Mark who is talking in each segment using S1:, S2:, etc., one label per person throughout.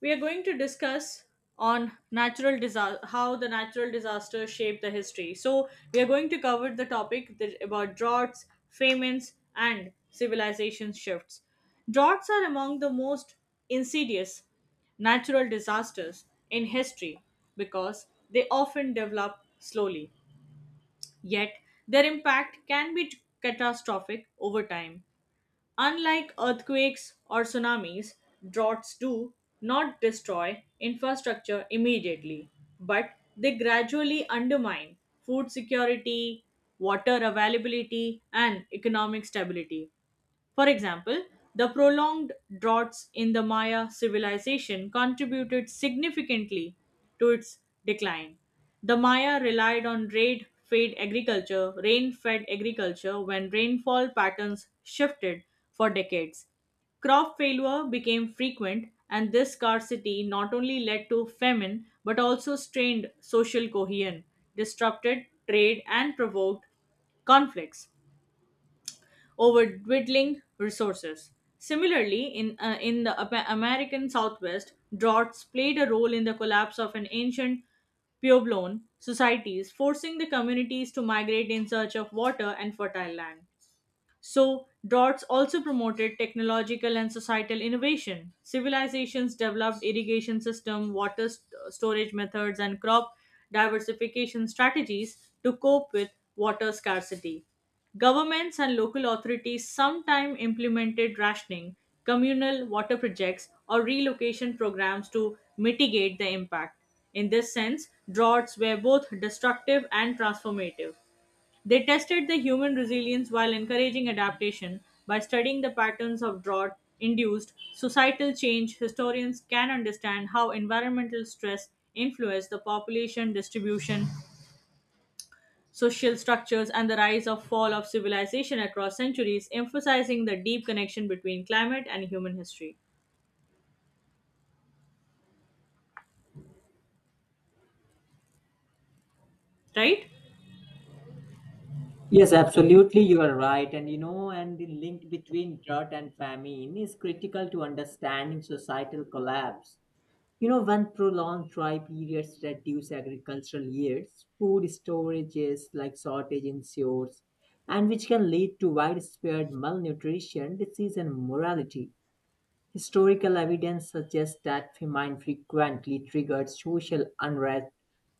S1: We are going to discuss on natural disaster, how the natural disasters shape the history. So we are going to cover the topic that, about droughts, famines, and civilization shifts. Droughts are among the most insidious natural disasters in history because they often develop slowly, yet their impact can be catastrophic over time. Unlike earthquakes or tsunamis, droughts do not destroy infrastructure immediately, but they gradually undermine food security, water availability, and economic stability. For example, the prolonged droughts in the Maya civilization contributed significantly to its decline. The Maya relied on rain fed agriculture, rain fed agriculture. When rainfall patterns shifted for decades, crop failure became frequent, and this scarcity not only led to famine but also strained social cohesion, disrupted trade, and provoked conflicts over dwindling resources. Similarly, in the Apa- American Southwest, droughts played a role in the collapse of an ancient Puebloan societies, forcing the communities to migrate in search of water and fertile land. So, Dots also promoted technological and societal innovation. Civilizations developed irrigation system, water st- storage methods, and crop diversification strategies to cope with water scarcity. Governments and local authorities sometimes implemented rationing, communal water projects, or relocation programs to mitigate the impact. In this sense, droughts were both destructive and transformative. They tested the human resilience while encouraging adaptation by studying the patterns of drought induced societal change. Historians can understand how environmental stress influenced the population distribution, social structures, and the rise of fall of civilization across centuries, emphasizing the deep connection between climate and human history. Right?
S2: Yes, absolutely, you are right. And the link between drought and famine is critical to understanding societal collapse. When prolonged dry periods reduce agricultural yields, food storages like shortage ensures, and which can lead to widespread malnutrition, disease, and morality. Historical evidence suggests that famine frequently triggered social unrest,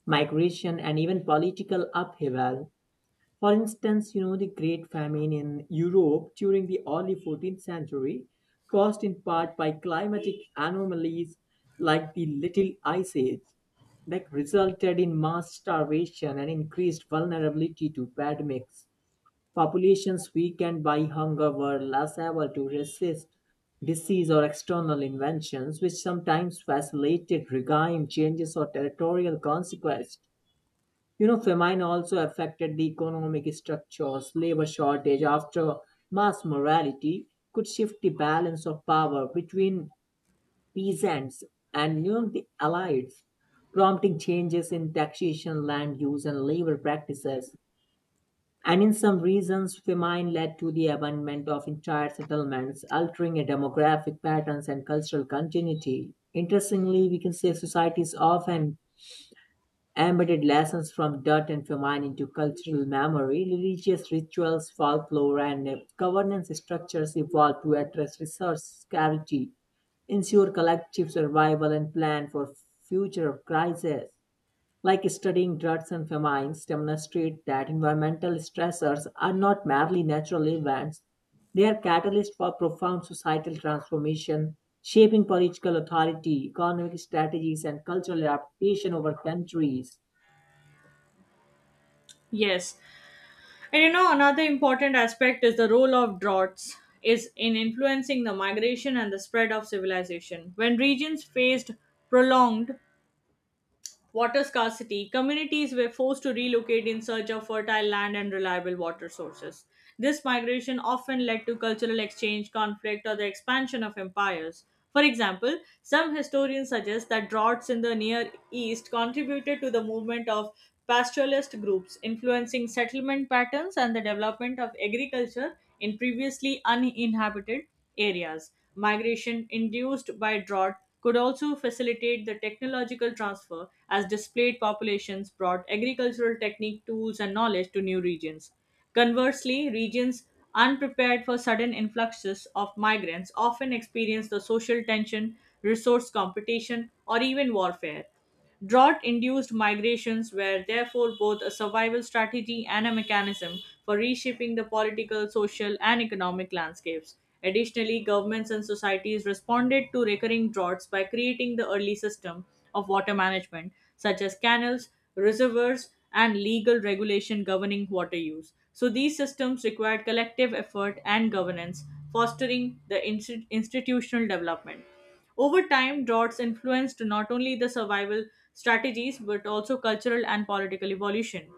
S2: migration, and even political upheaval. For instance, the Great Famine in Europe during the early 14th century, caused in part by climatic anomalies like the Little Ice Age, that resulted in mass starvation and increased vulnerability to pandemics. Populations weakened by hunger were less able to resist disease or external inventions, which sometimes facilitated regime changes or territorial conquest. Famine also affected the economic structures. Labor shortage after mass morality could shift the balance of power between peasants and the allies, prompting changes in taxation, land use, and labor practices. And in some regions, famine led to the abandonment of entire settlements, altering a demographic patterns and cultural continuity. Interestingly, we can say societies often embedded lessons from dirt and famine into cultural memory, religious rituals, folklore, and governance structures evolved to address resource scarcity, ensure collective survival, and plan for future crises. Like studying droughts and famines demonstrate that environmental stressors are not merely natural events, they are catalysts for profound societal transformation, shaping political authority, economic strategies, and cultural adaptation over countries.
S1: Yes. And you know, another important aspect is the role of droughts is in influencing the migration and the spread of civilization. When regions faced prolonged water scarcity, communities were forced to relocate in search of fertile land and reliable water sources. This migration often led to cultural exchange, conflict, or the expansion of empires. For example, some historians suggest that droughts in the Near East contributed to the movement of pastoralist groups, influencing settlement patterns and the development of agriculture in previously uninhabited areas. Migration induced by drought could also facilitate the technological transfer as displaced populations brought agricultural technique, tools, and knowledge to new regions. Conversely, regions unprepared for sudden influxes of migrants often experience the social tension, resource competition, or even warfare. Drought induced migrations were therefore both a survival strategy and a mechanism for reshaping the political, social, and economic landscapes. Additionally, governments and societies responded to recurring droughts by creating the early system of water management, such as canals, reservoirs, and legal regulation governing water use. So, these systems required collective effort and governance, fostering the insti- institutional development. Over time, droughts influenced not only the survival strategies but also cultural and political evolution,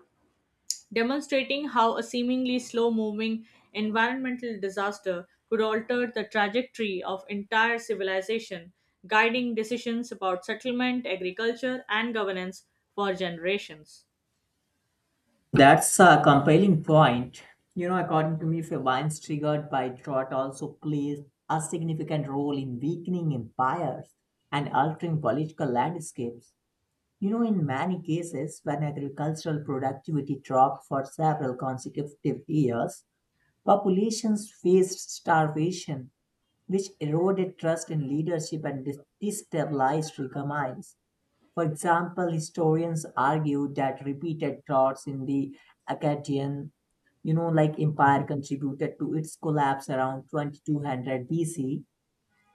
S1: demonstrating how a seemingly slow moving environmental disaster could alter the trajectory of entire civilization, guiding decisions about settlement, agriculture, and governance for generations.
S2: That's a compelling point. According to me, famines triggered by drought also plays a significant role in weakening empires and altering political landscapes. In many cases, when agricultural productivity dropped for several consecutive years, populations faced starvation, which eroded trust in leadership and destabilized economies. For example, historians argue that repeated droughts in the Akkadian, like empire contributed to its collapse around 2200 BC.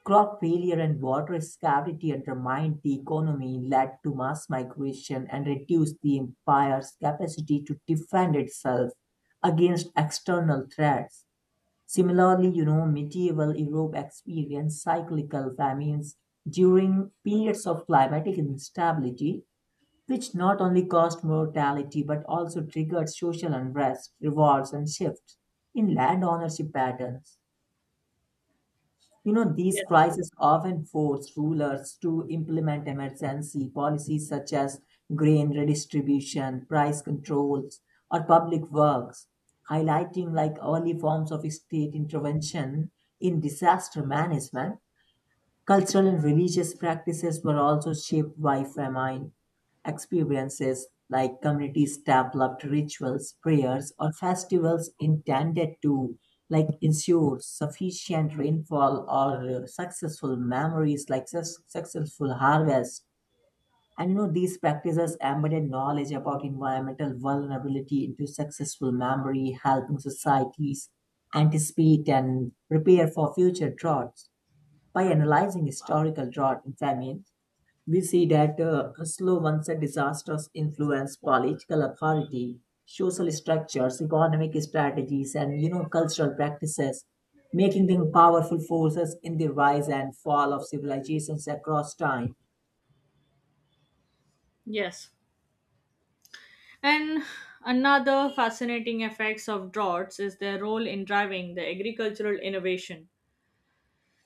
S2: Crop failure and water scarcity undermined the economy, led to mass migration, and reduced the empire's capacity to defend itself against external threats. Similarly, medieval Europe experienced cyclical famines during periods of climatic instability, which not only caused mortality but also triggered social unrest, revolts, and shifts in land ownership patterns. These
S1: Yes.
S2: crises often force rulers to implement emergency policies such as grain redistribution, price controls, or public works, highlighting like early forms of state intervention in disaster management. Cultural and religious practices were also shaped by famine experiences, like communities developed rituals, prayers, or festivals intended to like ensure sufficient rainfall or successful memories like successful harvest, and these practices embedded knowledge about environmental vulnerability into successful memory, helping societies anticipate and prepare for future droughts. By analyzing historical drought and famine, we see that slow onset disasters influence political authority, social structures, economic strategies, and cultural practices, making them powerful forces in the rise and fall of civilizations across time.
S1: Yes. And another fascinating effects of droughts is their role in driving the agricultural innovation.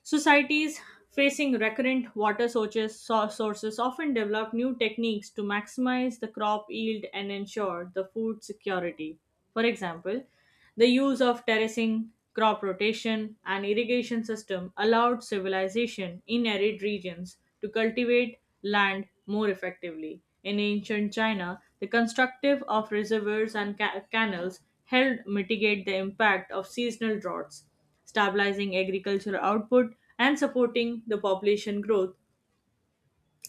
S1: Societies facing recurrent water sources, so- sources often develop new techniques to maximize the crop yield and ensure the food security. For example, the use of terracing, crop rotation, and irrigation system allowed civilization in arid regions to cultivate land more effectively. In ancient China, the constructive of reservoirs and ca- canals helped mitigate the impact of seasonal droughts, stabilizing agricultural output, and supporting the population growth.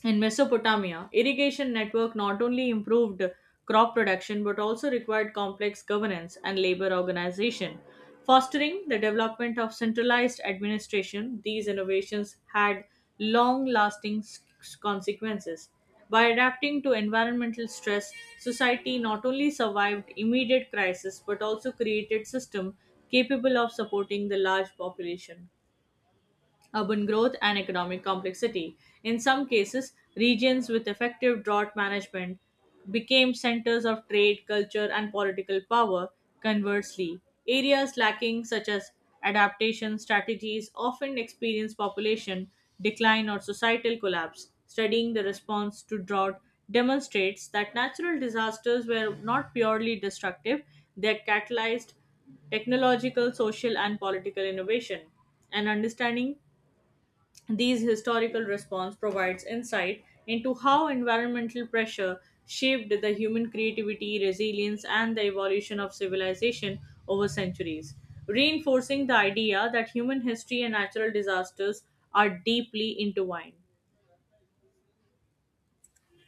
S1: In Mesopotamia, irrigation network not only improved crop production but also required complex governance and labor organization, fostering the development of centralized administration. These innovations had long lasting consequences. By adapting to environmental stress, society not only survived immediate crisis but also created systems capable of supporting the large population, urban growth, and economic complexity. In some cases, regions with effective drought management became centers of trade, culture, and political power. Conversely, areas lacking such as adaptation strategies often experience population decline or societal collapse. Studying the response to drought demonstrates that natural disasters were not purely destructive, they catalyzed technological, social, and political innovation. And understanding these historical response provides insight into how environmental pressure shaped the human creativity, resilience, and the evolution of civilization over centuries, reinforcing the idea that human history and natural disasters are deeply intertwined.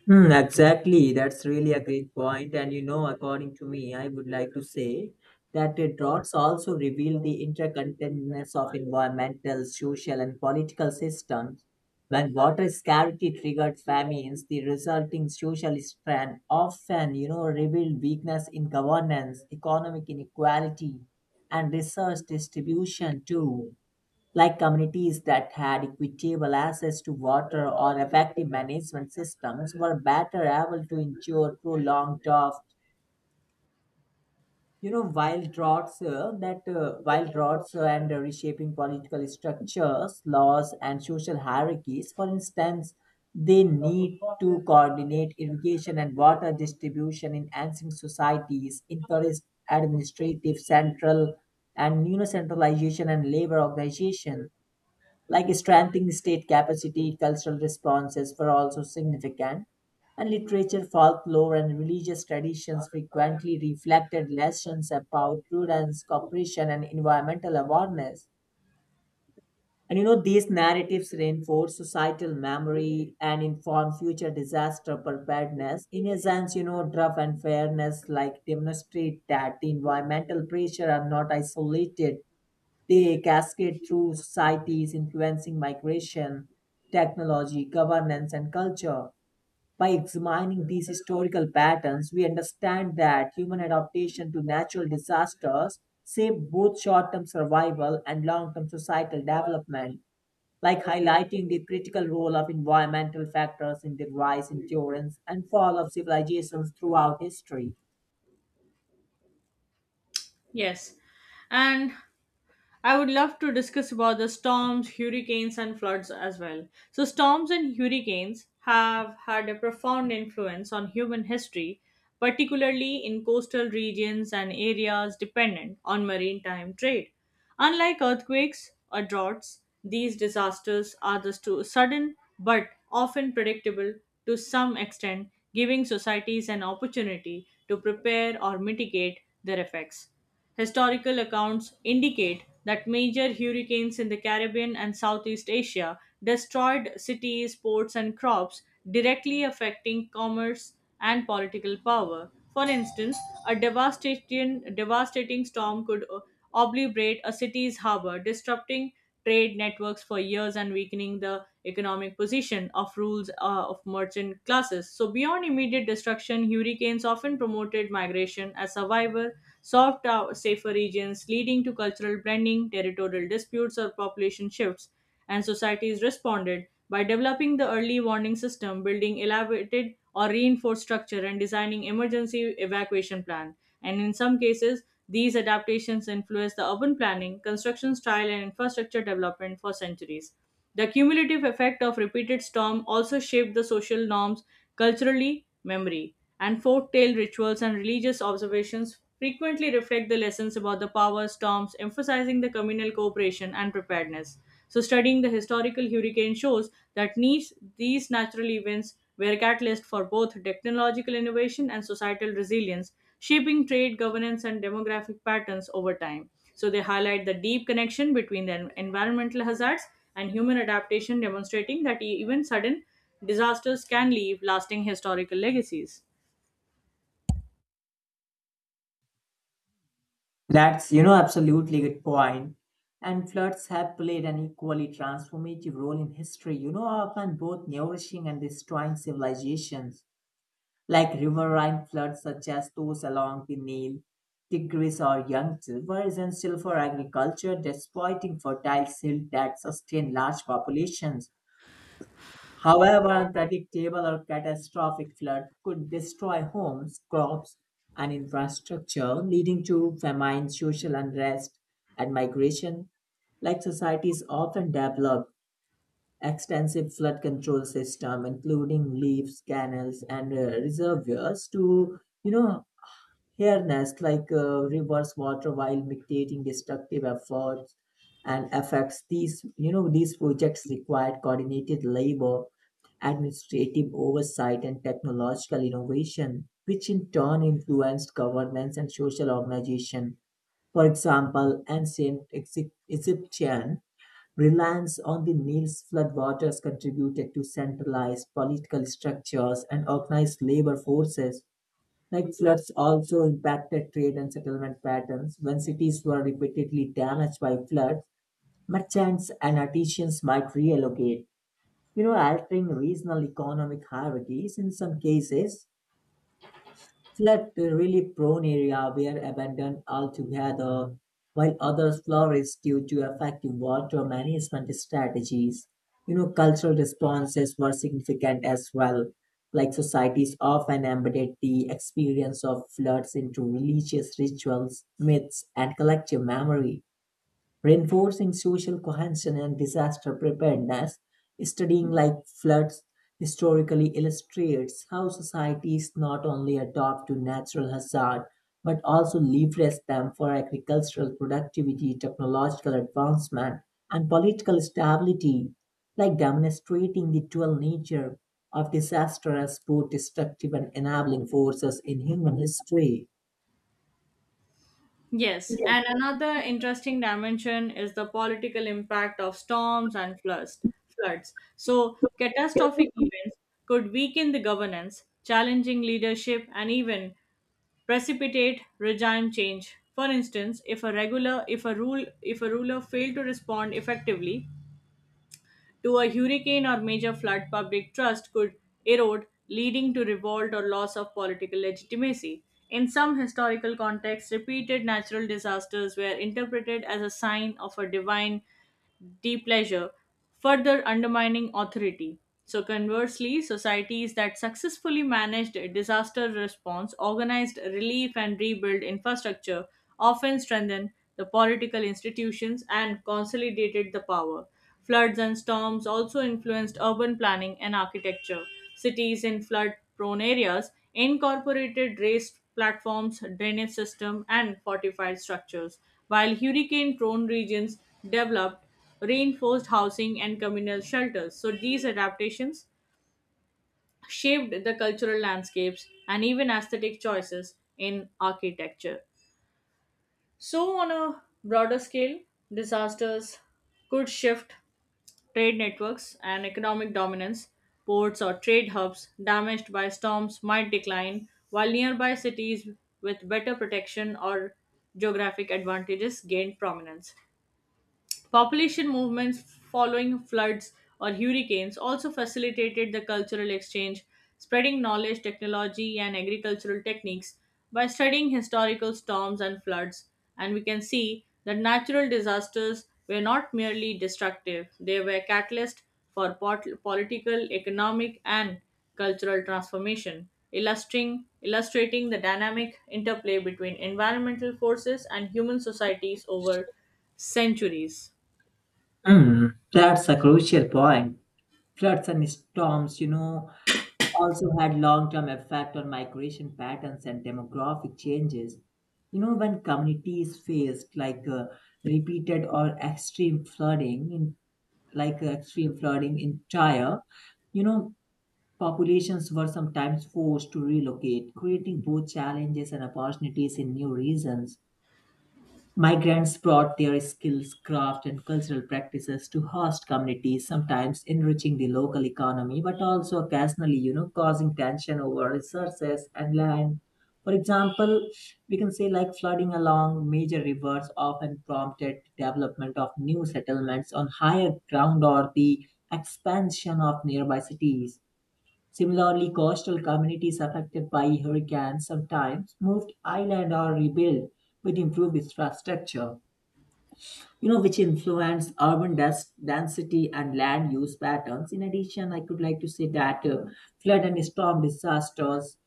S2: Hmm, exactly. That's really a great point. And according to me, I would like to say that the droughts also reveal the interconnectedness of environmental, social, and political systems. When water scarcity triggered famines, the resulting social strain often, revealed weakness in governance, economic inequality, and resource distribution too, like communities that had equitable access to water or effective management systems were better able to endure prolonged droughts. Wild droughts and reshaping political structures, laws, and social hierarchies. For instance, they need to coordinate irrigation and water distribution in ancient societies, encourage administrative centralization and labor organization, like strengthening state capacity. Cultural responses were also significant, and literature, folklore, and religious traditions frequently reflected lessons about prudence, cooperation, and environmental awareness. And these narratives reinforce societal memory and inform future disaster preparedness. In a sense, draft and fairness like demonstrate that the environmental pressure are not isolated. They cascade through societies, influencing migration, technology, governance, and culture. By examining these historical patterns, we understand that human adaptation to natural disasters shape both short term survival and long term societal development, like highlighting the critical role of environmental factors in the rise, endurance, and fall of civilizations throughout history.
S1: Yes, and I would love to discuss about the storms, hurricanes, and floods as well. So, storms and hurricanes have had a profound influence on human history, particularly in coastal regions and areas dependent on maritime trade. Unlike earthquakes or droughts, these disasters are the stu- sudden but often predictable to some extent, giving societies an opportunity to prepare or mitigate their effects. Historical accounts indicate that major hurricanes in the Caribbean and Southeast Asia destroyed cities, ports, and crops, directly affecting commerce and political power. For instance, a devastating storm could obliterate a city's harbor, disrupting trade networks for years and weakening the economic position of rules of merchant classes. So beyond immediate destruction, hurricanes often promoted migration as survival, soft safer regions, leading to cultural blending, territorial disputes, or population shifts. And societies responded by developing the early warning system, building elaborated or reinforced structure, and designing emergency evacuation plan. And in some cases, these adaptations influence the urban planning, construction style, and infrastructure development for centuries. The cumulative effect of repeated storm also shaped the social norms, culturally memory, and folk tale rituals and religious observations frequently reflect the lessons about the power storms, emphasizing the communal cooperation and preparedness. So studying the historical hurricane shows that these natural events were a catalyst for both technological innovation and societal resilience, shaping trade, governance, and demographic patterns over time. So they highlight the deep connection between the en- environmental hazards and human adaptation, demonstrating that e- even sudden disasters can leave lasting historical legacies.
S2: That's, absolutely good point. And floods have played an equally transformative role in history, often both nourishing and destroying civilizations, like riverine floods such as those along the Nile, Tigris, or Yangtze, were essential for agriculture, exploiting fertile silt that sustained large populations. However, unpredictable or catastrophic flood could destroy homes, crops, and infrastructure, leading to famine, social unrest, and migration. Like societies often develop extensive flood control system, including levees, canals, and reservoirs to you know here, nest like reverse water while dictating destructive efforts and effects. These, these projects required coordinated labor, administrative oversight, and technological innovation, which in turn influenced governance and social organization. For example, ancient Egyptian reliance on the Nile's floodwaters contributed to centralized political structures and organized labor forces, like floods also impacted trade and settlement patterns. When cities were repeatedly damaged by floods, merchants and artisans might reallocate, altering regional economic hierarchies. In some cases, flood really prone area were abandoned altogether, while others flourished due to effective water management strategies. Cultural responses were significant as well. Like societies often embedded the experience of floods into religious rituals, myths, and collective memory, reinforcing social cohesion and disaster preparedness. Studying like floods historically illustrates how societies not only adopt to natural hazard but also leverage them for agricultural productivity, technological advancement, and political stability, like demonstrating the dual nature of disaster as both destructive and enabling forces in human history.
S1: Yes,
S2: Yeah.
S1: and another interesting dimension is the political impact of storms and floods. Floods. So catastrophic events could weaken the governance, challenging leadership, and even precipitate regime change. For instance, if a ruler failed to respond effectively to a hurricane or major flood, public trust could erode, leading to revolt or loss of political legitimacy. In some historical contexts, repeated natural disasters were interpreted as a sign of a divine depleasure, further undermining authority. So, conversely, societies that successfully managed disaster response, organized relief, and rebuilt infrastructure often strengthened the political institutions and consolidated the power. Floods and storms also influenced urban planning and architecture. Cities in flood prone areas incorporated raised platforms, drainage system, and fortified structures, while hurricane prone regions developed reinforced housing, and communal shelters. So these adaptations shaped the cultural landscapes and even aesthetic choices in architecture. So, on a broader scale, disasters could shift trade networks and economic dominance. Ports or trade hubs damaged by storms might decline, while nearby cities with better protection or geographic advantages gained prominence. Population movements following floods or hurricanes also facilitated the cultural exchange, spreading knowledge, technology, and agricultural techniques by studying historical storms and floods. And we can see that natural disasters were not merely destructive, they were catalysts for pot- political, economic, and cultural transformation, illustrating the dynamic interplay between environmental forces and human societies over centuries.
S2: Hmm, that's a crucial point. Floods and storms, also had long-term effect on migration patterns and demographic changes. When communities faced repeated or extreme flooding in extreme flooding in Tyre, you know, populations were sometimes forced to relocate, creating both challenges and opportunities in new regions. Migrants brought their skills, craft, and cultural practices to host communities, sometimes enriching the local economy, but also occasionally, causing tension over resources and land. For example, we can say like flooding along major rivers often prompted development of new settlements on higher ground or the expansion of nearby cities. Similarly, coastal communities affected by hurricanes sometimes moved island or rebuilt with improved infrastructure, which influence urban density and land use patterns. In addition, I could like to say that flood and storm disasters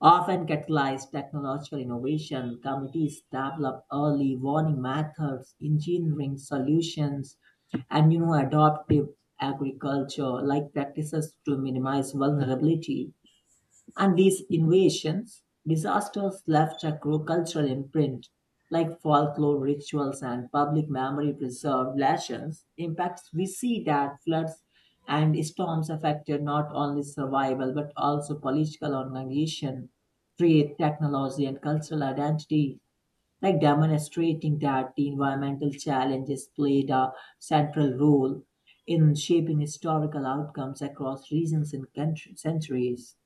S2: often catalyze technological innovation. Communities develop early warning methods, engineering solutions, and adoptive agriculture like practices to minimize vulnerability, and these invasions, disasters left a cultural imprint, like folklore rituals and public memory preserved lessons. Impacts we see that floods and storms affected not only survival but also political organization, trade, technology, and cultural identity, like demonstrating that the environmental challenges played a central role in shaping historical outcomes across regions and centuries.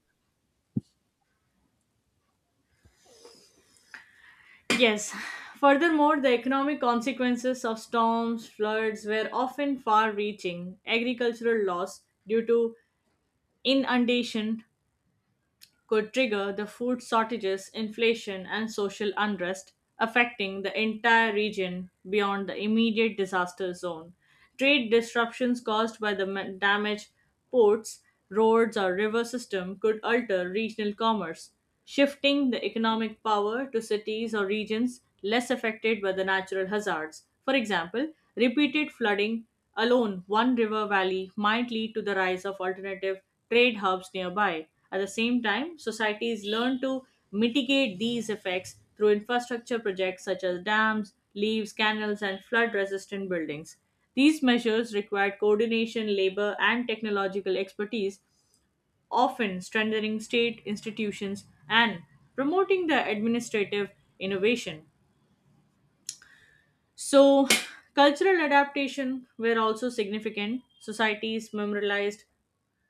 S1: Yes. Furthermore, the economic consequences of storms, floods were often far reaching. Agricultural loss due to inundation could trigger the food shortages, inflation, and social unrest, affecting the entire region beyond the immediate disaster zone. Trade disruptions caused by the ma- damage ports, roads, or river system could alter regional commerce, shifting the economic power to cities or regions less affected by the natural hazards. For example, repeated flooding alone one river valley might lead to the rise of alternative trade hubs nearby. At the same time, societies learn to mitigate these effects through infrastructure projects such as dams, levees, canals, and flood resistant buildings. These measures required coordination, labor, and technological expertise, often strengthening state institutions and promoting the administrative innovation. So, cultural adaptation were also significant. Societies memorized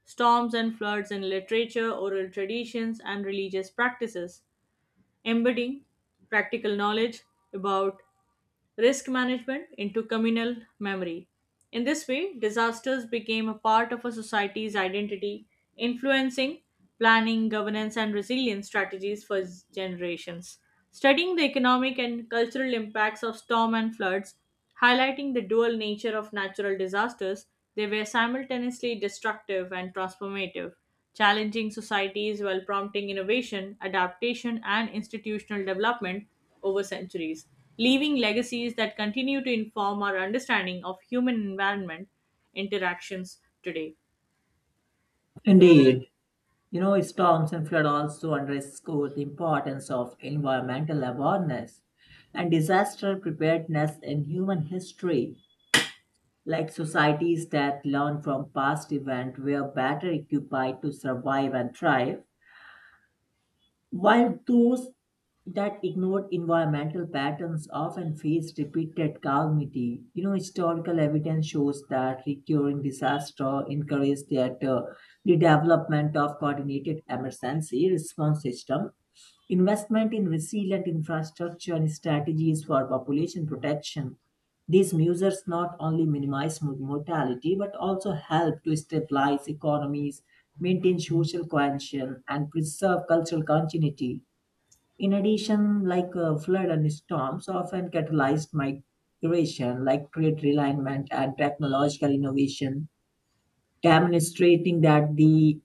S1: storms and floods in literature, oral traditions, and religious practices, embedding practical knowledge about risk management into communal memory. In this way, disasters became a part of a society's identity, influencing planning, governance, and resilience strategies for generations. Studying the economic and cultural impacts of storm and floods, highlighting the dual nature of natural disasters, they were simultaneously destructive and transformative, challenging societies while prompting innovation, adaptation, and institutional development over centuries, leaving legacies that continue to inform our understanding of human environment interactions today.
S2: Indeed. Storms and flood also underscore the importance of environmental awareness and disaster preparedness in human history, like societies that learn from past events were better equipped to survive and thrive, while those that ignored environmental patterns often faced repeated calamity. Historical evidence shows that recurring disaster encouraged the development of coordinated emergency response system, investment in resilient infrastructure, and strategies for population protection. These measures not only minimize mortality but also help to stabilize economies, maintain social cohesion, and preserve cultural continuity. In addition, like flood and storms often catalyzed migration, like trade realignment and technological innovation, demonstrating that the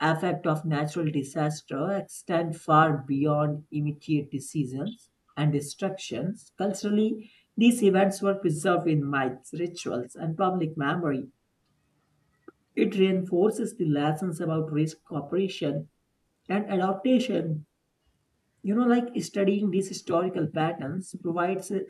S2: effect of natural disaster extend far beyond immediate seasons and destructions. Culturally, these events were preserved in myths, rituals, and public memory. It reinforces the lessons about risk, cooperation, and adaptation. Like studying these historical patterns provides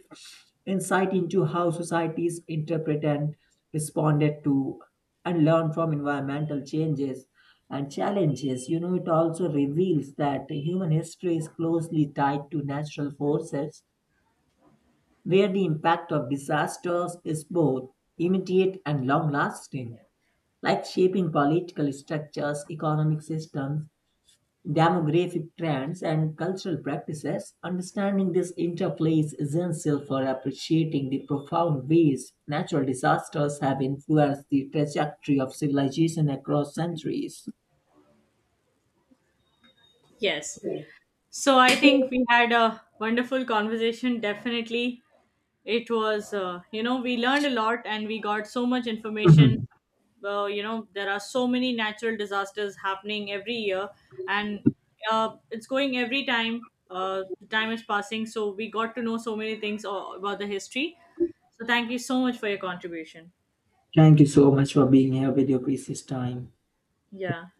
S2: insight into how societies interpret and responded to and learn from environmental changes and challenges. It also reveals that human history is closely tied to natural forces, where the impact of disasters is both immediate and long lasting, like shaping political structures, economic systems, demographic trends, and cultural practices. Understanding this interplay is essential for appreciating the profound ways natural disasters have influenced the trajectory of civilization across centuries.
S1: Yes. So I think we had a wonderful conversation, definitely. It was you know, we learned a lot and we got so much information.
S2: Mhm.
S1: Uh, you know, there are so many natural disasters happening every year, and it's going every time, the time is passing, so we got to know so many things a- about the history. So thank you so much for your contribution.
S2: Thank you so much for being here with your precious time.
S1: Yeah.